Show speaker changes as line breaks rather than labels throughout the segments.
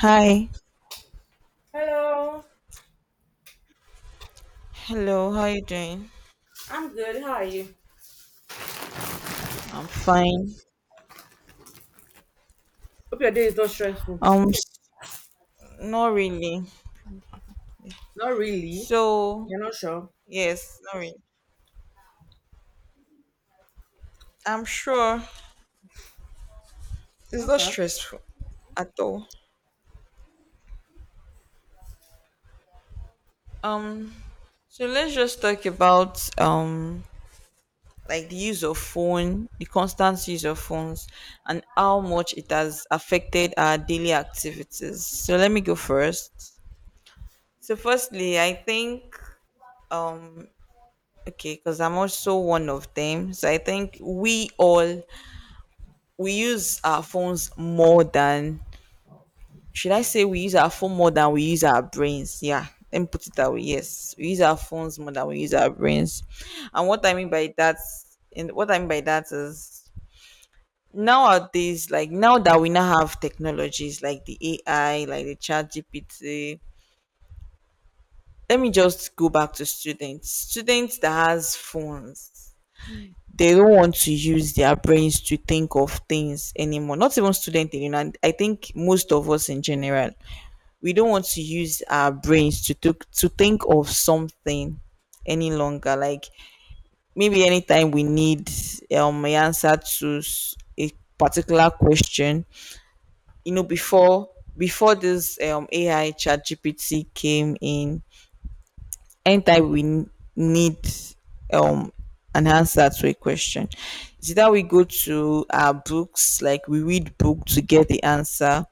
Hi.
Hello,
Hello, how you doing?
I'm good. How are you?
I'm fine.
Hope your day is not stressful.
Um, s- Not really.
Not really.
So,
You're not sure?
yes, not really. I'm sure it's not
Okay.
stressful at all. Um, so let's just talk about like the use of phone, the constant use of phones, and how much it has affected our daily activities. So let me go first. So firstly, I think um okay, because I'm also one of them. So I think we all we use our phones more than, should I say, we use our phone more than we use our brains? Yeah. Let me put it that way. Yes. We use our phones more than we use our brains. And what I mean by that and what I mean by that is nowadays, like now that we now have technologies like the AI, like the chat GPT, let me just go back to students. Students that has phones, they don't want to use their brains to think of things anymore. Not even student, you know, and I think most of us in general, we don't want to use our brains to to think of something any longer. Like, maybe anytime we need an answer to a particular question, you know, before this AI chat GPT came in, anytime we need um an answer to a question, it's either we go to our books, like we read book to get the answer,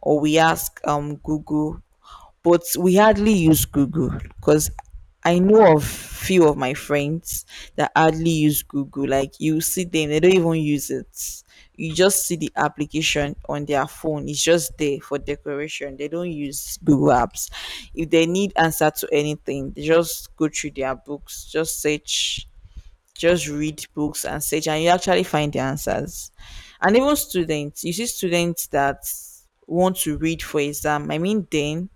or we ask Google. But we hardly use Google, because I know of few of my friends that hardly use Google. Like, you see them, they don't even use it. You just see the application on their phone. It's just there for decoration. They don't use Google apps. If they need answer to anything, they just go through their books, just search, just read books and search, and you actually find the answers. And even students, you see students that want to read for exam. I mean, then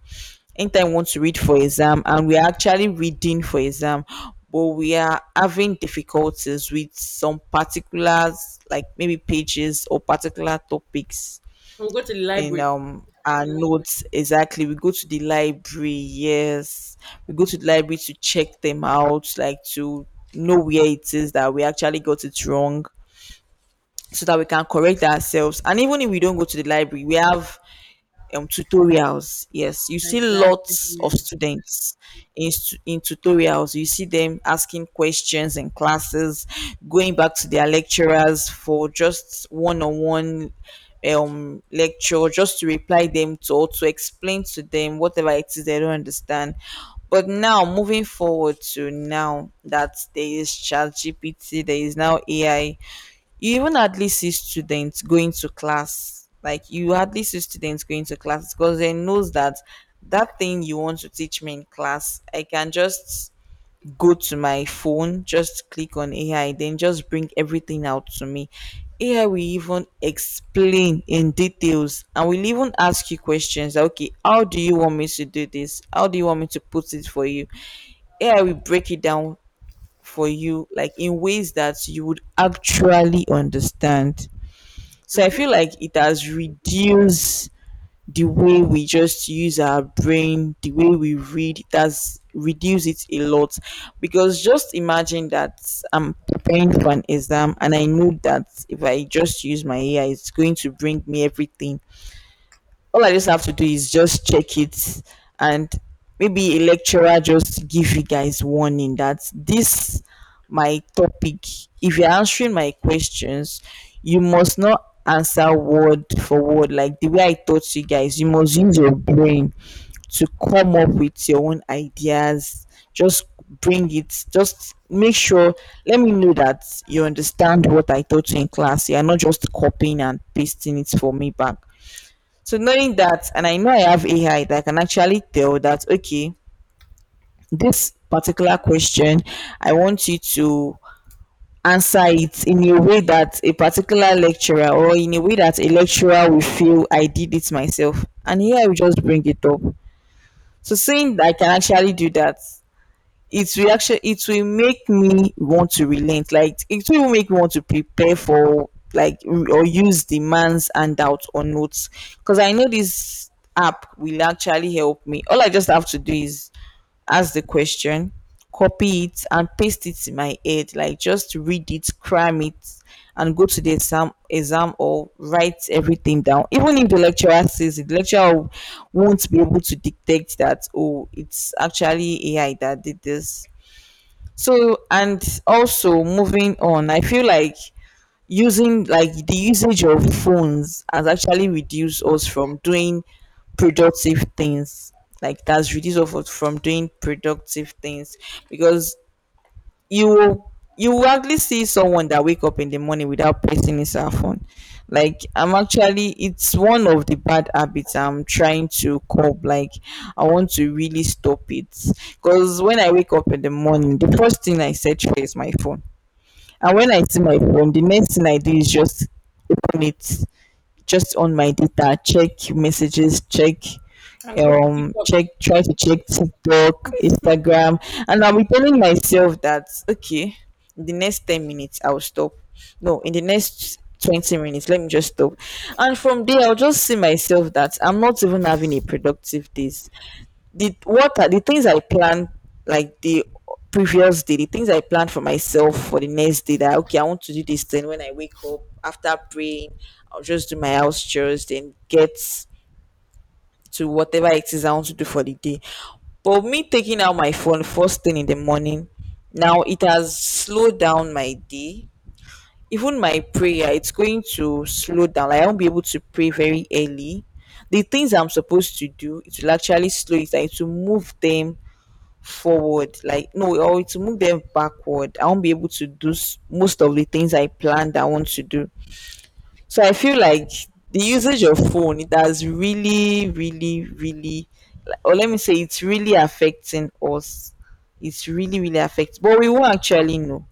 anytime we want to read for exam and we're actually reading for exam, but we are having difficulties with some particulars, like maybe pages or particular topics
We'll go to the
in
library.
our notes. Exactly, we go to the library. Yes, we go to the library to check them out, like to know where it is that we actually got it wrong, so that we can correct ourselves. And even if we don't go to the library, we have tutorials. Yes, you see
Exactly.
lots of
Mm-hmm.
students in, in tutorials. You see them asking questions in classes, going back to their lecturers for just one on one lecture, just to reply them to or to explain to them whatever it is they don't understand. But now, moving forward to now that there is chat GPT, there is now AI, you even hardly see students going to class. Like, you hardly see students going to class, because they knows that that thing you want to teach me in class, I can just go to my phone, just click on AI, then just bring everything out to me. AI will even explain in details and will even ask you questions like, okay, how do you want me to do this, how do you want me to put it for you. AI will break it down for you, like in ways that you would actually understand. So I feel like it has reduced the way we just use our brain, the way we read, it has reduced it a lot. Because just imagine that I'm preparing for an exam and I know that if I just use my AI, it's going to bring me everything. All I just have to do is just check it. And maybe a lecturer just give you guys warning that this my topic, if you're answering my questions, you must not answer word for word like the way I taught you guys. You must use your brain to come up with your own ideas. Just bring it, just make sure let me know that you understand what I taught you in class. You are not just copying and pasting it for me back. So knowing that, and I know I have AI that can actually tell that, okay, this particular question, I want you to answer it in a way that a particular lecturer, or in a way that a lecturer will feel I did it myself. And here I will just bring it up. So seeing that I can actually do that, it will actually, it will make me want to relent. Like it will make me want to prepare for, like, or use demands man's handout or notes, because I know this app will actually help me. All I just have to do is ask the question, copy it and paste it in my head, like just read it, cram it, and go to the exam exam, or write everything down. Even if the lecturer says it, the lecturer won't be able to detect that, oh, it's actually AI that did this. So, and also moving on, I feel like using, like the usage of phones has actually reduced us from doing productive things. Like that's reduced us from doing productive things, because you will actually see someone that wake up in the morning without pressing his cell phone. Like, I'm actually, it's one of the bad habits I'm trying to curb. Like, I want to really stop it. Because when I wake up in the morning, the first thing I search for is my phone. And when I see my phone, the next thing I do is just on it, just on my data, check messages, check
And go to TikTok.
check try to check TikTok, Instagram. And I'll be telling myself that okay, in the next 10 minutes I'll stop. No, in the next 20 minutes, let me just stop. And from there, I'll just see myself that I'm not even having a productive days. The, what are the things I planned, like the previous day, the things I planned for myself for the next day, that okay, I want to do this thing. When I wake up, after praying, I'll just do my house chores, then get to whatever it is I want to do for the day. But me taking out my phone first thing in the morning, now it has slowed down my day. Even my prayer, it's going to slow down. Like, I won't be able to pray very early. The things I'm supposed to do, it will actually slow it down. It will move them forward. Like, no, or it will move them backward. I won't be able to do most of the things I planned I want to do. So I feel like the usage of phone, it has really, really, really, like, or let me say, it's really affecting us. It's really, really affecting, but we won't actually know.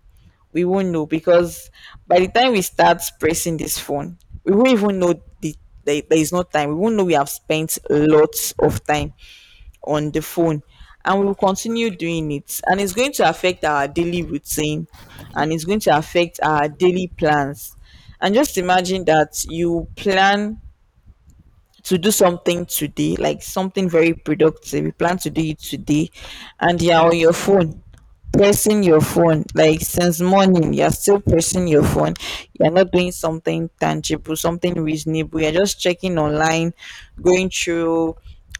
We won't know because by the time we start pressing this phone, we won't even know the, there is no time. We won't know we have spent lots of time on the phone, and we will continue doing it, and it's going to affect our daily routine, and it's going to affect our daily plans. And just imagine that you plan to do something today, like something very productive. You plan to do it today, and you're on your phone, pressing your phone. Like since morning, you're still pressing your phone. You're not doing something tangible, something reasonable. You're just checking online, going through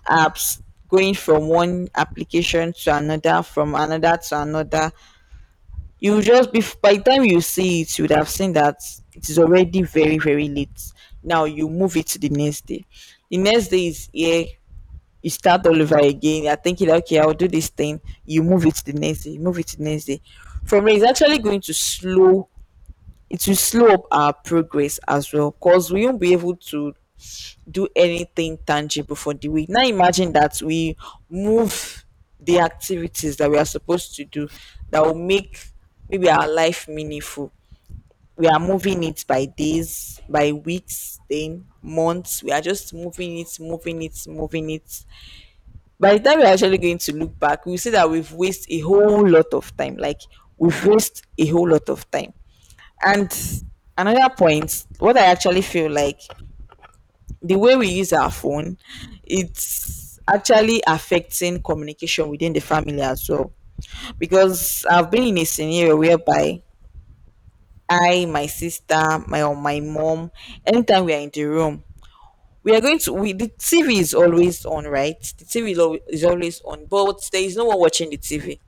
apps, going from one application to another, from another to another. You just be, by the time you see it, you would have seen that it is already very very late. Now you move it to the next day. The next day is, yeah, you start all over again. You're thinking, okay, I'll do this thing. You move it to the next day, you move it to the next day. From there, it's actually going to slow, it will slow up our progress as well, because we won't be able to do anything tangible for the week. Now imagine that we move the activities that we are supposed to do that will make, maybe, our life meaningful. We are moving it by days, by weeks, then months. We are just moving it, moving it, moving it. By the time we're actually going to look back, we see that we've wasted a whole lot of time. Like, we've wasted a whole lot of time. And another point, what I actually feel like, the way we use our phone, it's actually affecting communication within the family as well. Because I've been in a scenario whereby I, my sister, my or my mom, anytime we are in the room, we are going to, we, the TV is always on, right? The TV is is always on, but there is no one watching the TV.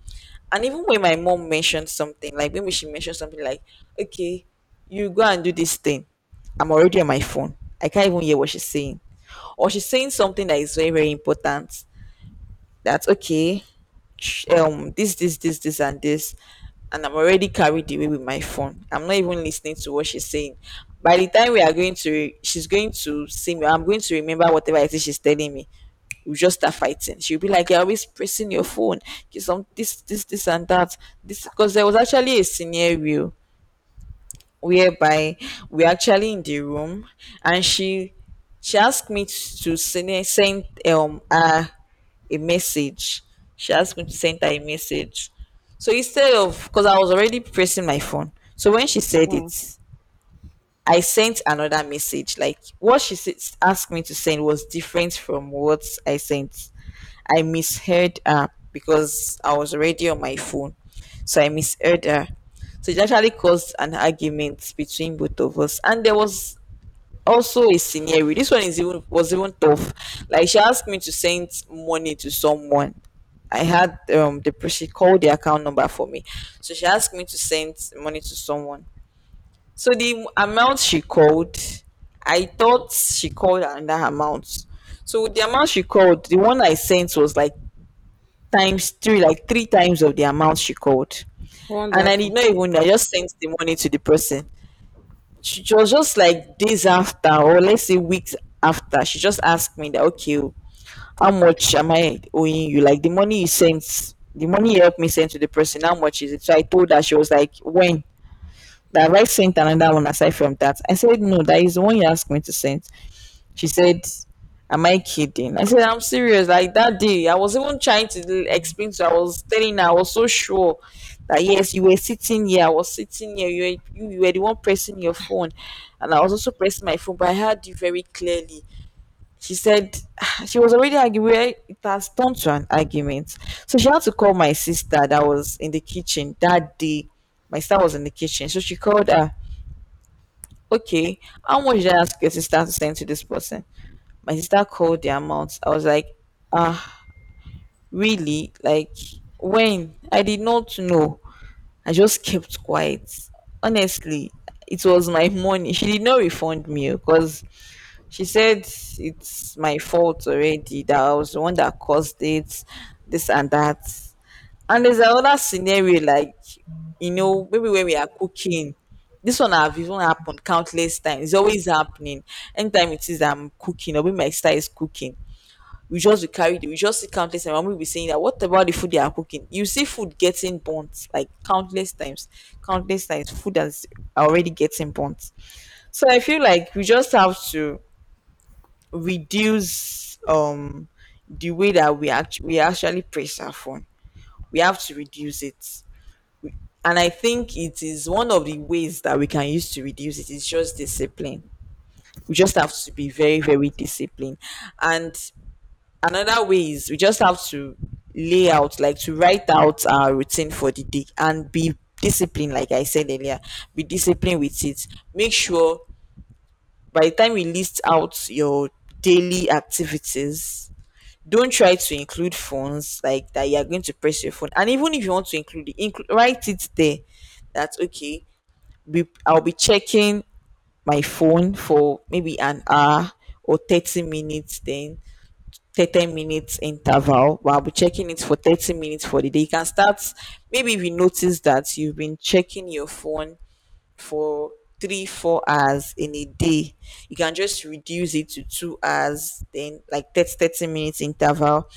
And even when my mom mentioned something, like maybe she mentioned something like, okay, you go and do this thing. I'm already on my phone. I can't even hear what she's saying. Or she's saying something that is very, very important that okay sh- this this this this and this, and I'm already carried away with my phone. I'm not even listening to what she's saying. By the time we are going to, she's going to see me. I'm going to remember whatever it is she's telling me. We just start fighting. She'll be like, "You're always pressing your phone, you some this this this and that this," because there was actually a scenario whereby we actually in the room, and she asked me to send her a message. She asked me to send her a message. So instead of, because I was already pressing my phone, so when she said
Mm.
it, I sent another message. Like what asked me to send was different from what I sent. I misheard her because I was already on my phone. So I misheard her. So it actually caused an argument between both of us. And there was also a scenario. This one is even, was even tough. Like she asked me to send money to someone. I had she called the account number for me. So she asked me to send money to someone. So the amount she called, I thought she called another amount. So the amount she called, the one I sent was like times three, like three times of the amount she called. And I did
Wonderful.
not even, I just sent the money to the person. She was just like days after, or let's say weeks after, she just asked me that, okay, oh, how much am I owing you? Like the money you sent, the money you helped me send to the person, how much is it? So I told her, she was like, when? That I sent another one aside from that. I said, no, that is the one you asked me to send. She said, am I kidding? I said, I'm serious. Like that day, I was even trying to explain to her. I was telling her, I was so sure that yes, you were sitting here. I was sitting here. You were the one pressing your phone. And I was also pressing my phone, but I heard you very clearly. She said, she was already arguing. It has turned to an argument. So she had to call my sister that was in the kitchen that day. My sister was in the kitchen. So she called her, okay, how much did I ask your sister to send to this person? My sister called the amount. I was like, ah, really? Like, when? I did not know. I just kept quiet. Honestly, it was my money. She did not refund me because she said it's my fault already that I was the one that caused it, this and that. And there's another scenario like, you know, maybe when we are cooking, this one have even happened countless times. It's always happening. Anytime it is I'm cooking or when my sister is cooking, we just will carry the, we just see countless times. Mommy will be saying that what about the food they are cooking? You see food getting burnt like countless times, countless times. Food that's already getting burnt. So I feel like we just have to reduce the way that we actually praise our phone. We have to reduce it. And I think it is one of the ways that we can use to reduce it. It is just discipline. We just have to be very, very disciplined. And another way is we just have to lay out, like to write out our routine for the day and be disciplined like I said earlier, be disciplined with it. Make sure by the time we list out your daily activities, don't try to include phones, like that you are going to press your phone. And even if you want to include it, write it there, that's okay. Be, I'll be checking my phone for maybe an hour or 30 minutes, then 30 minutes interval, but I'll be checking it for 30 minutes for the day. You can start, maybe if you notice that you've been checking your phone for three, 4 hours in a day, you can just reduce it to 2 hours, then like 30, 30 minutes interval.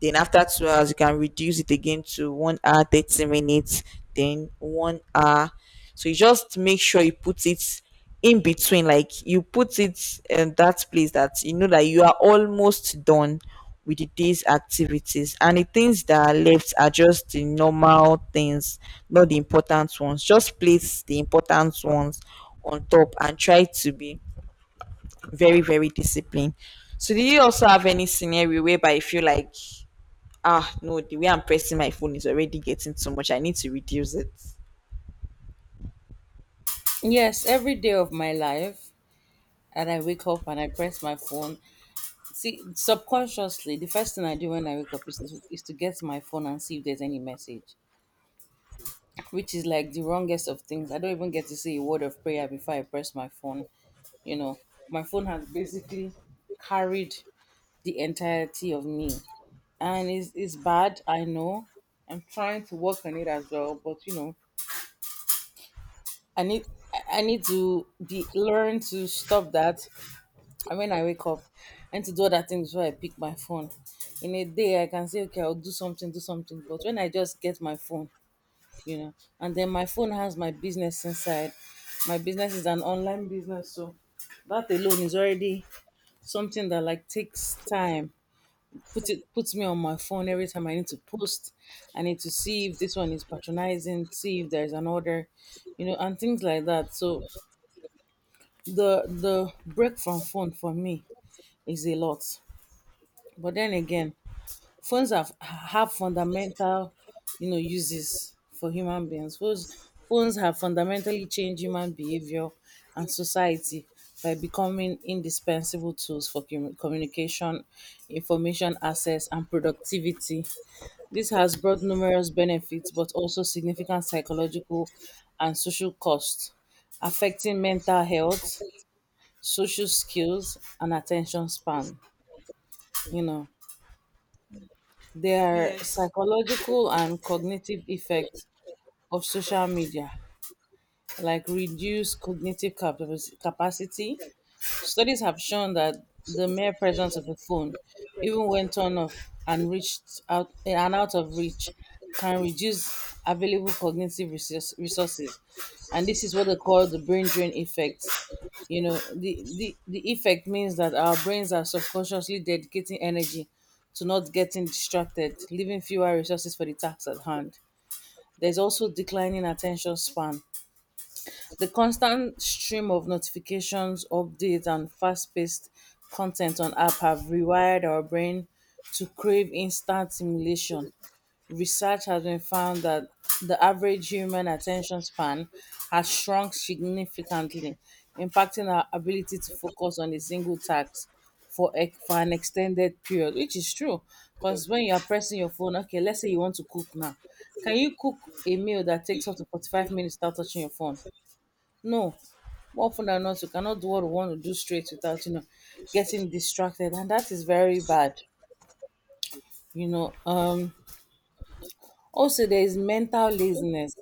Then after 2 hours, you can reduce it again to 1 hour, 30 minutes, then 1 hour. So you just make sure you put it in between, like you put it in that place that you know that you are almost done with the day's activities and the things that are left are just the normal things, not the important ones. Just place the important ones on top and try to be very, very disciplined. So do you also have any scenario whereby you feel like, ah, no, the way I'm pressing my phone is already getting too much, I need to reduce it?
Yes, every day of my life, and I wake up and I press my phone. See, subconsciously, the first thing I do when I wake up is to get my phone and see if there's any message, which is like the wrongest of things. I don't even get to say a word of prayer before I press my phone. You know, my phone has basically carried the entirety of me. And it's bad, I know. I'm trying to work on it as well, but I need I need to be learn to stop that. And when I wake up and to do other things before I pick my phone. In a day I can say, okay, I'll do something, do something. But when I just get my phone, you know, and then my phone has my business inside. My business is an online business, so that alone is already something that like takes time. Put it puts me on my phone every time I need to post. I need to see if this one is patronizing, see if there's an order, and things like that. So the break from phone for me is a lot. But then again, phones have fundamental, uses for human beings. Phones have fundamentally changed human behavior and society by becoming indispensable tools for communication, information access, and productivity. This has brought numerous benefits, but also significant psychological and social costs, affecting mental health, social skills, and attention span. You know, There are psychological and cognitive effects of social media, like reduced cognitive capacity, Studies have shown that the mere presence of a phone, even when turned off and reached out and out of reach, can reduce available cognitive resources. And this is what they call the brain drain effect. The effect means that our brains are subconsciously dedicating energy to not getting distracted, leaving fewer resources for the tasks at hand. There's also declining attention span. The constant stream of notifications, updates, and fast paced content on app have rewired our brain to crave instant stimulation. Research has been found that the average human attention span has shrunk significantly, impacting our ability to focus on a single task for an extended period, which is true. Because when you are pressing your phone, okay, let's say you want to cook now. Can you cook a meal that takes up to 45 minutes without touching your phone? No, more often than not, you cannot do what you want to do straight without, getting distracted, and that is very bad. You know, um, also there is mental laziness.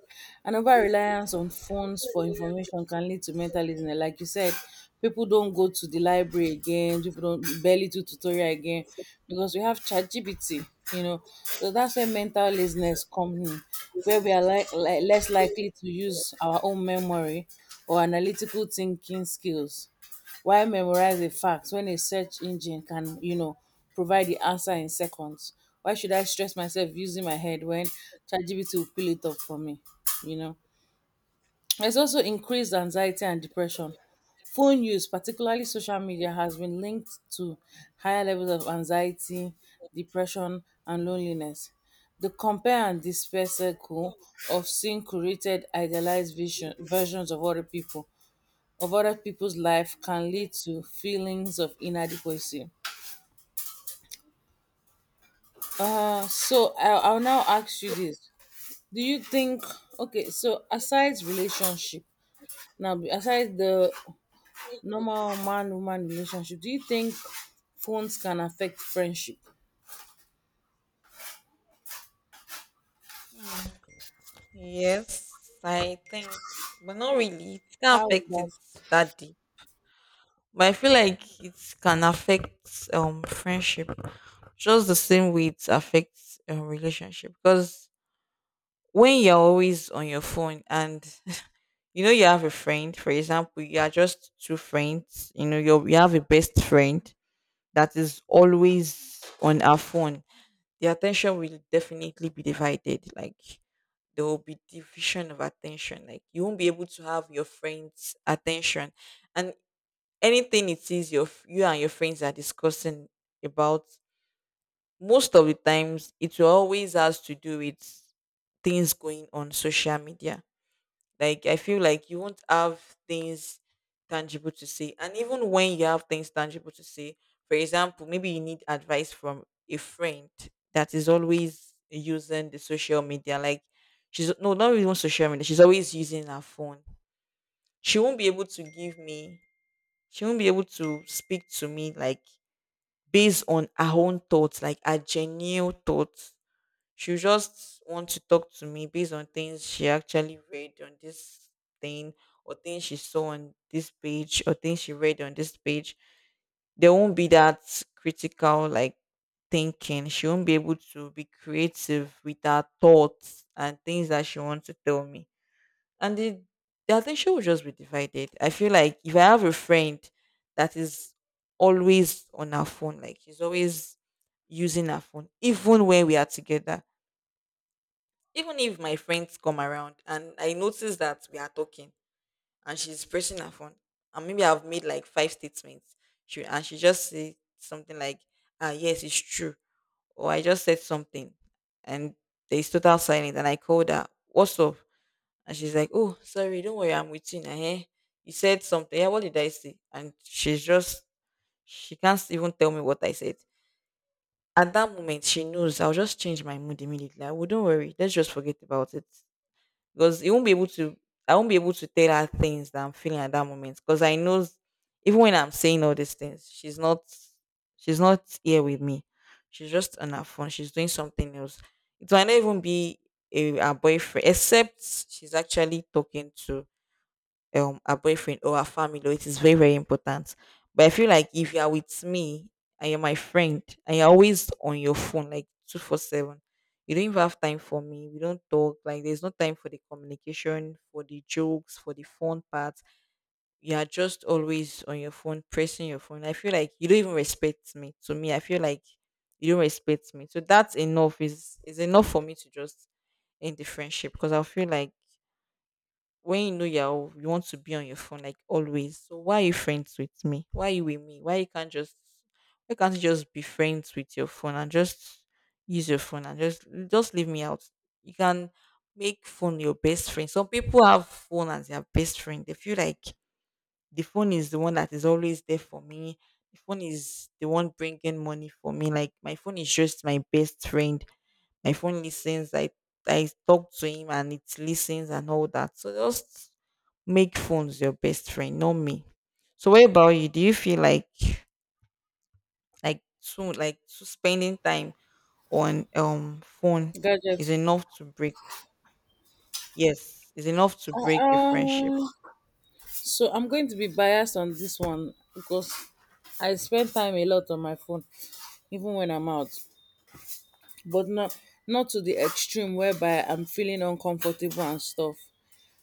An over reliance on phones for information can lead to mental laziness. Like you said, people don't go to the library again. People don't barely do tutorial again because we have ChatGPT. So that's where mental laziness comes in, where we are like less likely to use our own memory or analytical thinking skills. Why memorize a fact when a search engine can, provide the answer in seconds? Why should I stress myself using my head when ChatGPT will peel it up for me? You know, there's also increased anxiety and depression. Phone use, particularly social media, has been linked to higher levels of anxiety, depression, and loneliness. The compare and despair circle of seeing curated, idealized versions of other people's life can lead to feelings of inadequacy. So I'll now ask you this: Do you think okay? So aside relationship, now aside the normal man-woman relationship, do you think phones can affect friendship? How does
When you're always on your phone and you know, you have a friend, for example, you are just two friends, you know, you have a best friend that is always on her phone, anything it is you and your friends are discussing about, most of the times it will always has to do things going on social media. Like I feel like you won't have things tangible to. And even when you have things that, say for example, from a friend that is always she's, she's always she, she won't be able to speak to me like based on her own thoughts, like her genuine thoughts. She just want to talk to me based on things she actually read on this thing or things she saw on this page or things she read on this page. There won't be that critical like thinking. She won't be able to be creative with her thoughts and things that she wants to tell me. And the attention will just be divided. I feel like if I have a friend that is always on her phone, like she's always using her phone, even when we are together. Even if my friends come around and I notice that we are talking and she's pressing her phone, and maybe I've made like five statements, she just say something like, "Ah, yes, it's true," or I just said something, and there's total silence, and I called her, "What's up?" And she's like, "Oh, sorry, don't worry, I'm with you now." Eh? You said something. Yeah, what did I say? And she's just, she can't even tell me what I said at that moment. She knows I'll just change my mood immediately. I will, don't worry, let's just forget about it. Because you won't be able to, I won't be able to tell her things that I'm feeling at that moment. Because I know even when I'm saying all these things, she's not here with me. She's just on her phone. She's doing something else. It might not even be a, her boyfriend, except she's actually talking to her boyfriend or her family, or it is very, very important. But I feel like if you are with me and you're my friend and you're always on your phone like 24/7, you don't even have time for me. We don't talk. Like there's no time for the communication, for the jokes, for the fun parts. You are just always on your phone pressing your phone. I feel like you don't even respect me. To me, I feel like you don't respect me. So that's enough, is enough for me to just end the friendship. Because I feel like when you know you're, you want to be on your phone like always. So why are you friends with me? Why are you with me? Why you can't just, why can't you just be friends with your phone and just use your phone and just leave me out? You can make phone your best friend. Some people have phone as their best friend. They feel like the phone is the one that is always there for me. The phone is the one bringing money for me. Like my phone is just my best friend. My phone listens. I talk to him and it listens and all that. So just make phones your best friend, not me. So what about you? Do you feel like, like too spending time on phone
gadget?
is enough to break, yes, is enough to break your friendship.
Um, so I'm going to be biased on this one because I spend time a lot on my phone, even when I'm out. But not to the extreme whereby I'm feeling uncomfortable and stuff.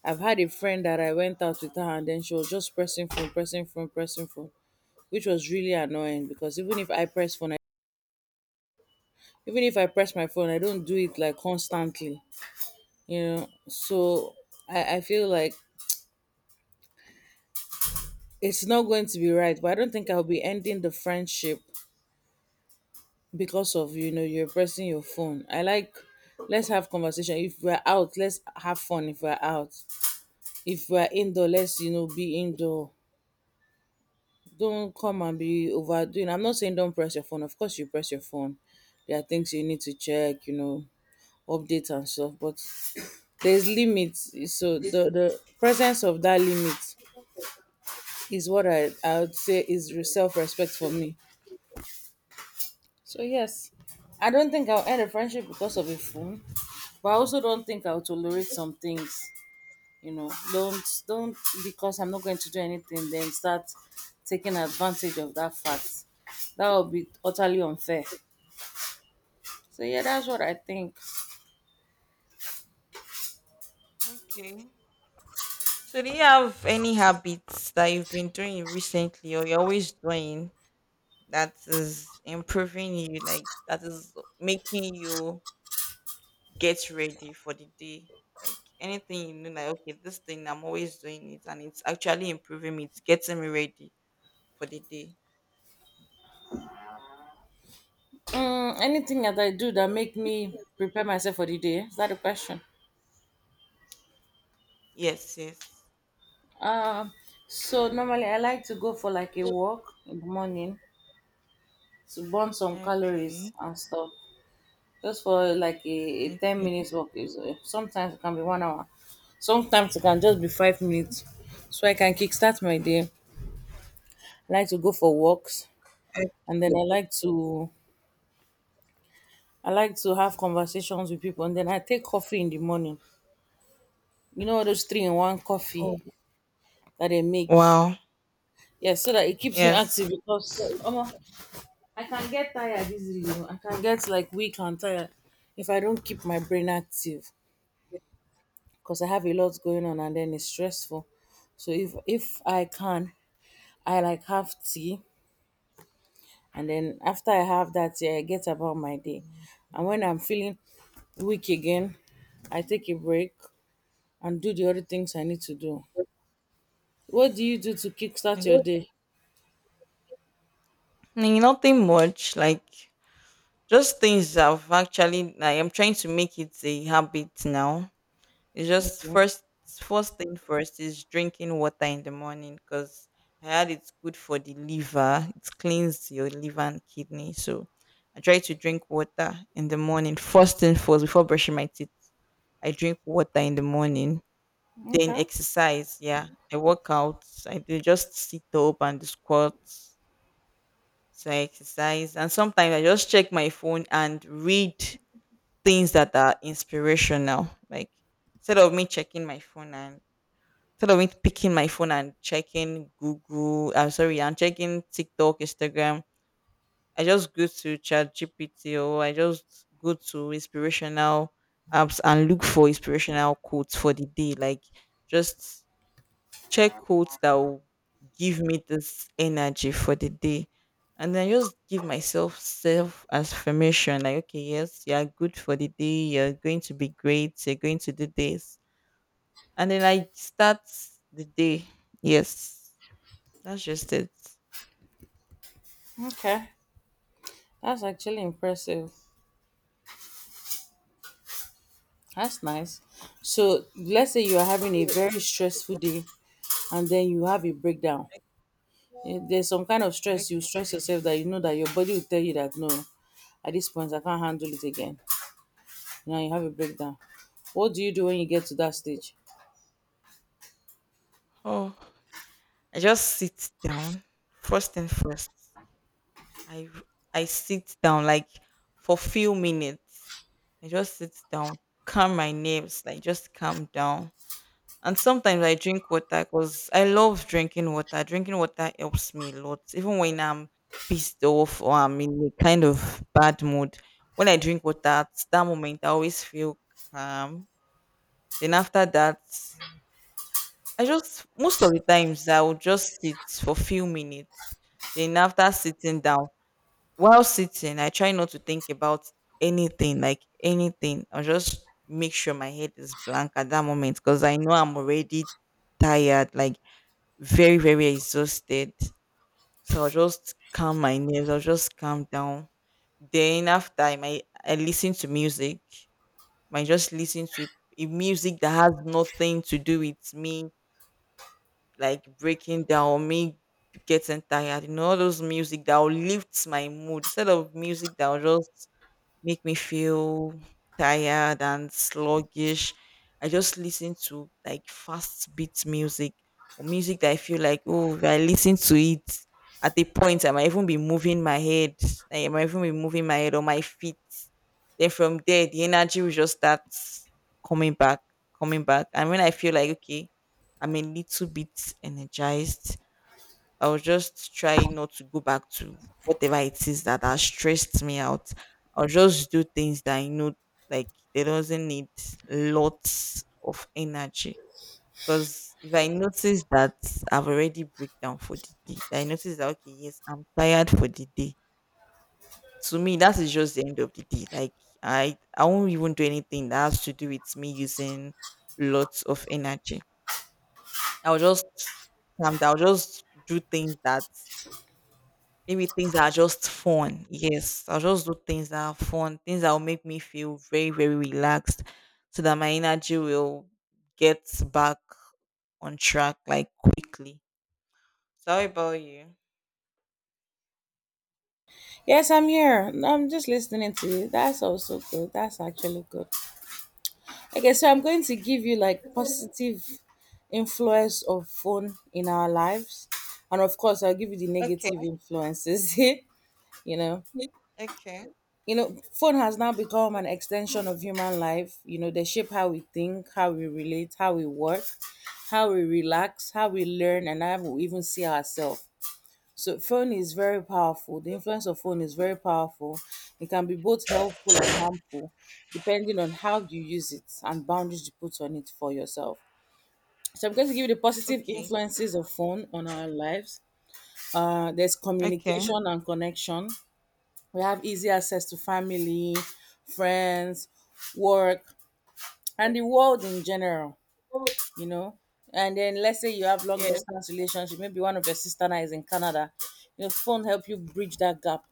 I've had a friend that I went out with her and then she was just pressing phone, pressing phone, pressing phone, which was really annoying because even if I press phone, even if I press my phone, I don't do it like constantly. So I feel like it's not going to be right, but I don't think I'll be ending the friendship because of you're pressing your phone. I like, let's have conversation if we're out. Let's have fun if we're out. If we're indoor, let's be indoor. Don't come and be overdoing. I'm not saying don't press your phone. Of course, you press your phone. There are things you need to check, update and stuff. But there's limits. So the presence of that limit is what I would say is self respect for me. So yes, I don't think I'll end a friendship because of a phone, but I also don't think I'll tolerate some things, you know. Don't, because I'm not going to do anything then start taking advantage of that fact. That would be utterly unfair. So yeah, that's what I think.
So do you have any habits that you've been doing recently or you're always doing that is improving you, like that is making you get ready for the day? Like anything you know, like okay, this thing I'm always doing it and it's actually improving me, it's getting me ready for the day
Mm, anything that I do that make me prepare myself for the day, is that a question? Um so normally I like to go for like a walk in the morning to burn some calories and stuff, just for like a 10 minutes walk is sometimes it can be 1 hour, sometimes it can just be 5 minutes, so I can kickstart my day. I like to go for walks, and then I like to have conversations with people, and then I take coffee in the morning. You know all those three in one coffee that they make. Yeah, so that it keeps me active because omo, I can get tired easily. You know? I can get like weak and tired if I don't keep my brain active because I have a lot going on and then it's stressful. So if I can, I like have tea, and then after I have that, yeah, I get about my day. And when I'm feeling weak again, I take a break and do the other things I need to do. What do you do to kickstart your day?
now. It's just
Okay,
first thing first is drinking water in the morning because I heard it's good for the liver. It cleans your liver and kidney. So I try to drink water in the morning first thing first before brushing my teeth. I drink water in the morning. Then
okay,
exercise. Yeah, I work out. I do just sit up and do squats. So I exercise, and sometimes I just check my phone and read things that are inspirational. Like instead of me checking my phone and instead of me picking my phone and checking Google, I'm sorry, I'm checking TikTok, Instagram. I just go to Chat GPT or I just go to inspirational apps and look for inspirational quotes for the day. Like just check quotes that will give me this energy for the day. And then just give myself self affirmation like, okay, yes, you're good for the day. You're going to be great. You're going to do this. And then I start the day. Yes, that's just it.
okay. That's actually impressive. That's nice. So let's say you are having a very stressful day and then you have a breakdown. Eh, there's some kind of stress you stress yourself that you know that your body will tell you that no, at this point I can't handle it again. Now you have a breakdown. What do you do when you get to that stage?
Because I love drinking water. Drinking water helps me a lot. Even when I'm pissed off or I'm in a kind of bad mood, when I drink water, at that moment, I always feel calm. Then after that, I just most of the times I would just sit for few minutes. Then after sitting down, while sitting, I try not to think about anything, like anything. I'll just make sure my head is blank at that moment because I know I'm already tired, like very, very exhausted. So I'll just calm my nerves, I'll just calm down. Then after I might I listen to music. I might just listen to a music that has nothing to do with me like breaking down, me getting tired, you know, all those music that will lift my mood instead of music that will just make me feel tired and sluggish. I just listen to like fast beat music or music that I feel like, oh, if I listen to it at a point, I might even be moving my head. Like, I might even be moving my head or my feet. Then from there, the energy will just start coming back, coming back. And when I feel like, okay, I'm a little bit energized, I was just trying not to go back to whatever it is that has stressed me out. I'll just do things that I know like they doesn't need lots of energy. Because if I notice that I've already breakdown for the day, that I notice that okay, yes, I'm tired for the day. To me, that is just the end of the day. Like I won't even do anything that has to do with me using lots of energy. I'll just calm down. I'll just do things that
Yes, I'm here. I'm just listening to you. That's also good. That's actually good. Okay, so I'm going to give you like positive influence of phone in our lives. And of course, I'll give you the negative influences. Know, phone has now become an extension of human life. They shape how we think, how we relate, how we work, how we relax, how we learn, and how we even see ourselves. So phone is very powerful. The influence of phone is very powerful. It can be both helpful and harmful, depending on how you use it and boundaries you put on it for yourself. So I'm going to give you the positive influences of phone on our lives. There's communication and connection. We have easy access to family, friends, work, and the world in general. You know, and then let's say you have long distance relationship. Maybe one of your sister now is in Canada. Your phone help you bridge that gap.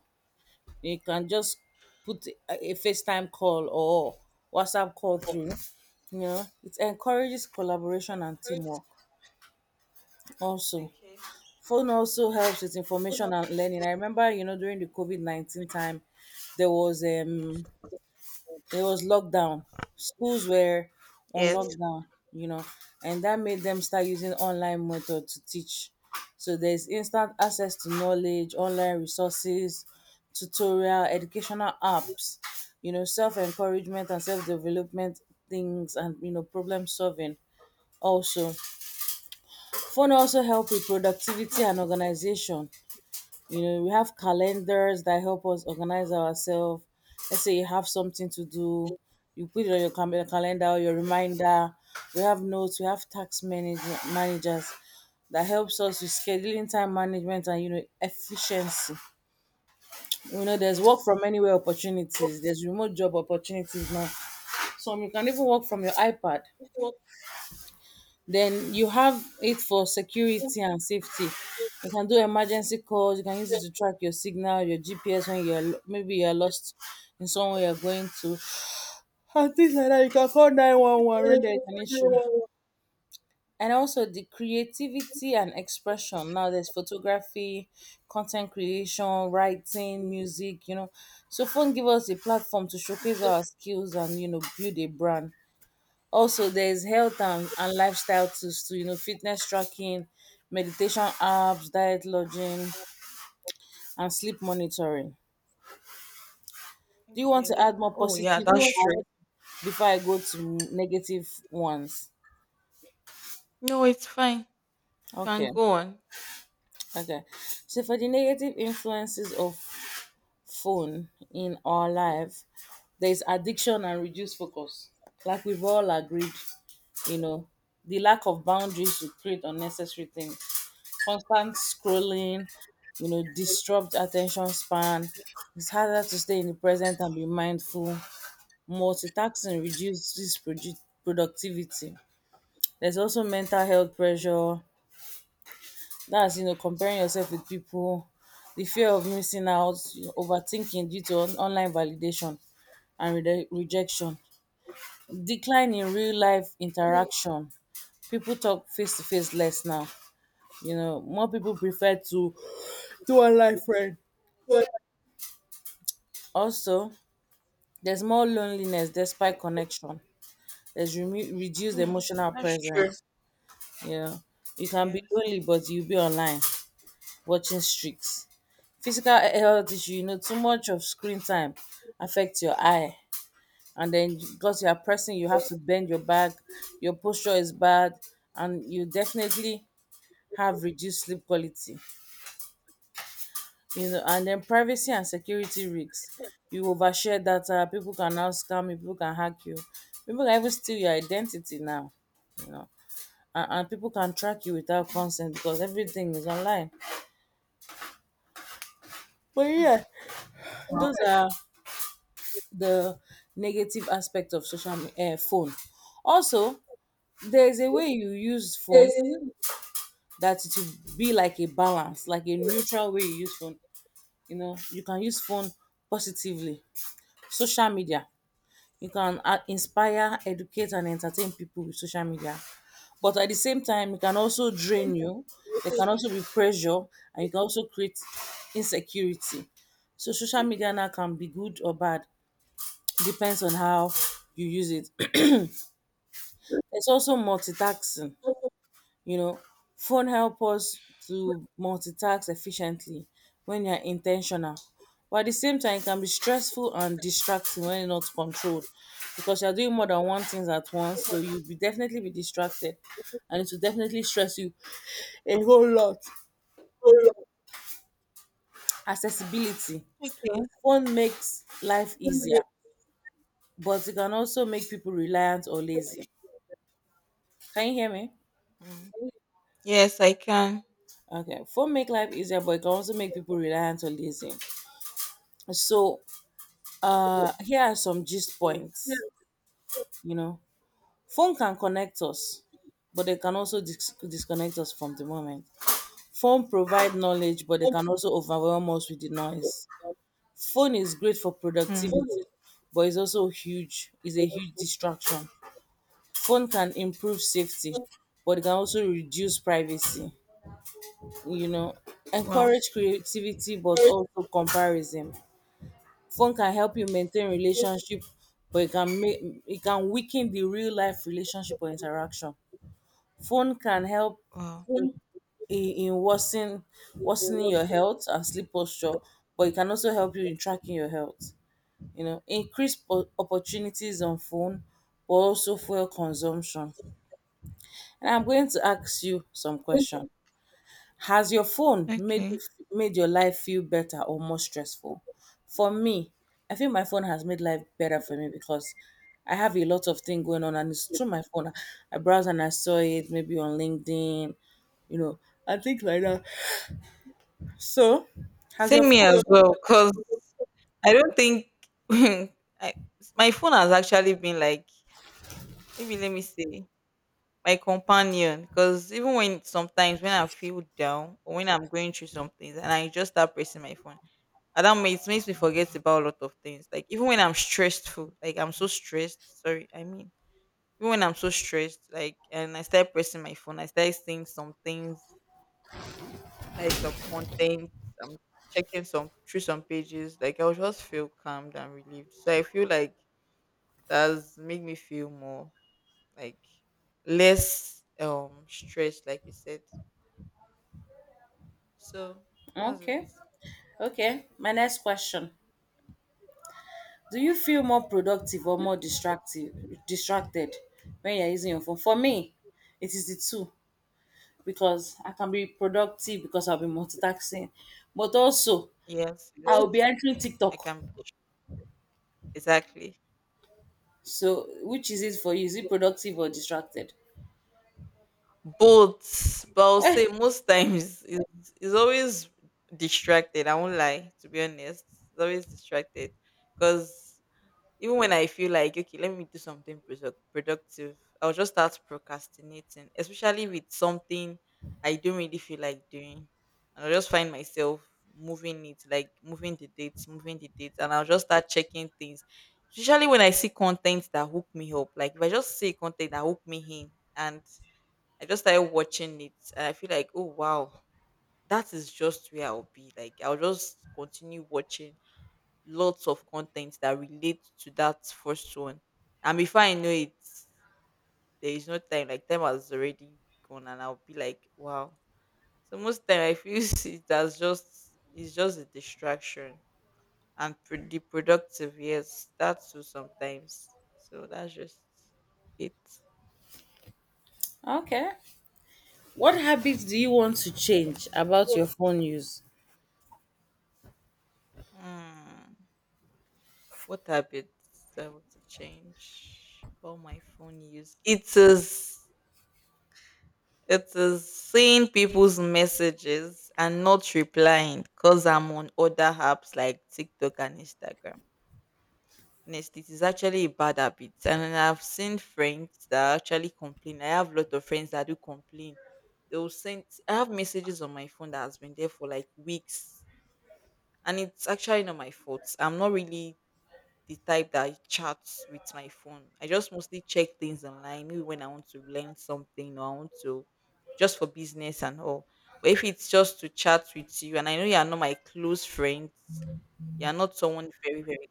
You can just put a FaceTime call or WhatsApp call through. It encourages collaboration and teamwork. Also, phone also helps with information and learning. I remember, during the COVID COVID-19 time, there was it was lockdown. Schools were on lockdown, you know, and that made them start using online method to teach. So there's instant access to knowledge, online resources, tutorial, educational apps, self encouragement and self development things, and problem solving. Also, phone also help with productivity and organization. We have calendars that help us organize ourselves. Let's say you have something to do, you put it on your calendar, your reminder. We have notes, we have tax managers that helps us with scheduling, time management, and efficiency. There's work from anywhere opportunities, there's remote job opportunities now, some you can even work from your iPad. Then you have it for security and safety. You can do emergency calls. You can use it to track your signal, your GPS when maybe you're lost in somewhere you're going to, and things like that. You can call 911 when there's an issue. And also the creativity and expression. Now there's photography, content creation, writing, music. So phone give us a platform to showcase our skills and build a brand. Also, there's health and lifestyle tools too, fitness tracking, meditation apps, diet lodging, and sleep monitoring. Do you want to add more positive impact before I go to negative ones? Okay, okay. So for the negative influences of phone in our life, there's addiction and reduced focus. Like we've all agreed, you know, the lack of boundaries to create unnecessary things. Constant scrolling, disrupt attention span. It's harder to stay in the present and be mindful. Multitasking reduces productivity. There's also mental health pressure. That's, comparing yourself with people, the fear of missing out, overthinking due to online validation and rejection, decline in real life interaction. People talk face to face less now. More people prefer to do online friend. Also, there's more loneliness despite connection. There's reduced emotional presence. Yeah. You can be lonely, but you'll be online watching streaks. Physical health issue, too much of screen time affects your eye. And then because you are pressing, you have to bend your back, your posture is bad, and you definitely have reduced sleep quality. And then privacy and security risks. You overshare data. People can now scam you, people can hack you, people can even steal your identity now. You know and, and people can track you without consent because everything is online. But yeah, those are the negative aspect of social, phone. Also, there's a way you use phone that it should be like a balance, like a neutral way you use phone. You can use phone positively. Social media, you can, inspire, educate, and entertain people with social media. But at the same time, it can also drain you. There can also be pressure, and you can also create insecurity. So social media now can be good or bad, depends on how you use it. It's also multitasking. You know, phone help us to multitask efficiently when you're intentional. But at the same time, it can be stressful and distracting when you're not controlled because you're doing more than one things at once. So you'll be definitely be distracted, and it will definitely stress you a whole lot. Accessibility. Phone makes life easier, but it can also make people reliant or lazy. Can you hear me? Okay, phone make life easier, but it can also make people reliant or lazy. So, here are some gist points. You know, phone can connect us, but they can also disconnect us from the moment. Phone provide knowledge, but they can also overwhelm us with the noise. Phone is great for productivity, but it's also huge. It's a huge distraction. Phone can improve safety, but it can also reduce privacy. You know, encourage creativity, but also comparison. Phone can help you maintain relationship, but it can weaken the real life relationship or interaction. Phone can help in, in worsening your health and sleep posture, but it can also help you in tracking your health. Increase opportunities on phone, but also fuel consumption. And I'm going to ask you some questions. Has your phone made your life feel better or more stressful? For me, I think my phone has made life better for me because I have a lot of things going on and it's through my phone. I browse and I saw it maybe on LinkedIn, you know, and things like that. So, has your phone? Okay, okay. My next question: do you feel more productive or more distracted when you're using your phone? For me, it is the two, because I can be productive because I'll be multitasking. But also, I'll be entering TikTok. So, which is it for you? Is it productive or distracted? Eh,
I do
okay. What habits do you want to change about your phone use?
like weeks. And it's actually not my fault. I'm not really the type that chats with my phone. I just mostly check things online, maybe when I want to learn something or I want to just for business and all. But if it's just to chat with you and I know you are not my client, you are not one very, very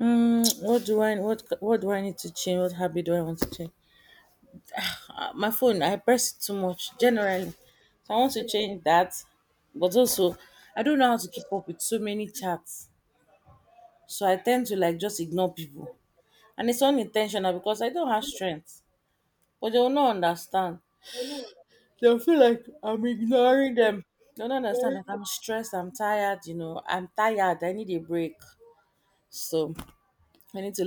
What do I need to change? What habit do I want to change? My phone, I press it too much generally, so I want to change that. But also, I don't know how to keep up with so many chats, so I tend to like just ignore people. And it's unintentional because I don't have strength. But they will not understand. They'll feel like I'm ignoring them. They don't understand that I'm stressed, I'm tired, I'm tired, I need a break. So I need to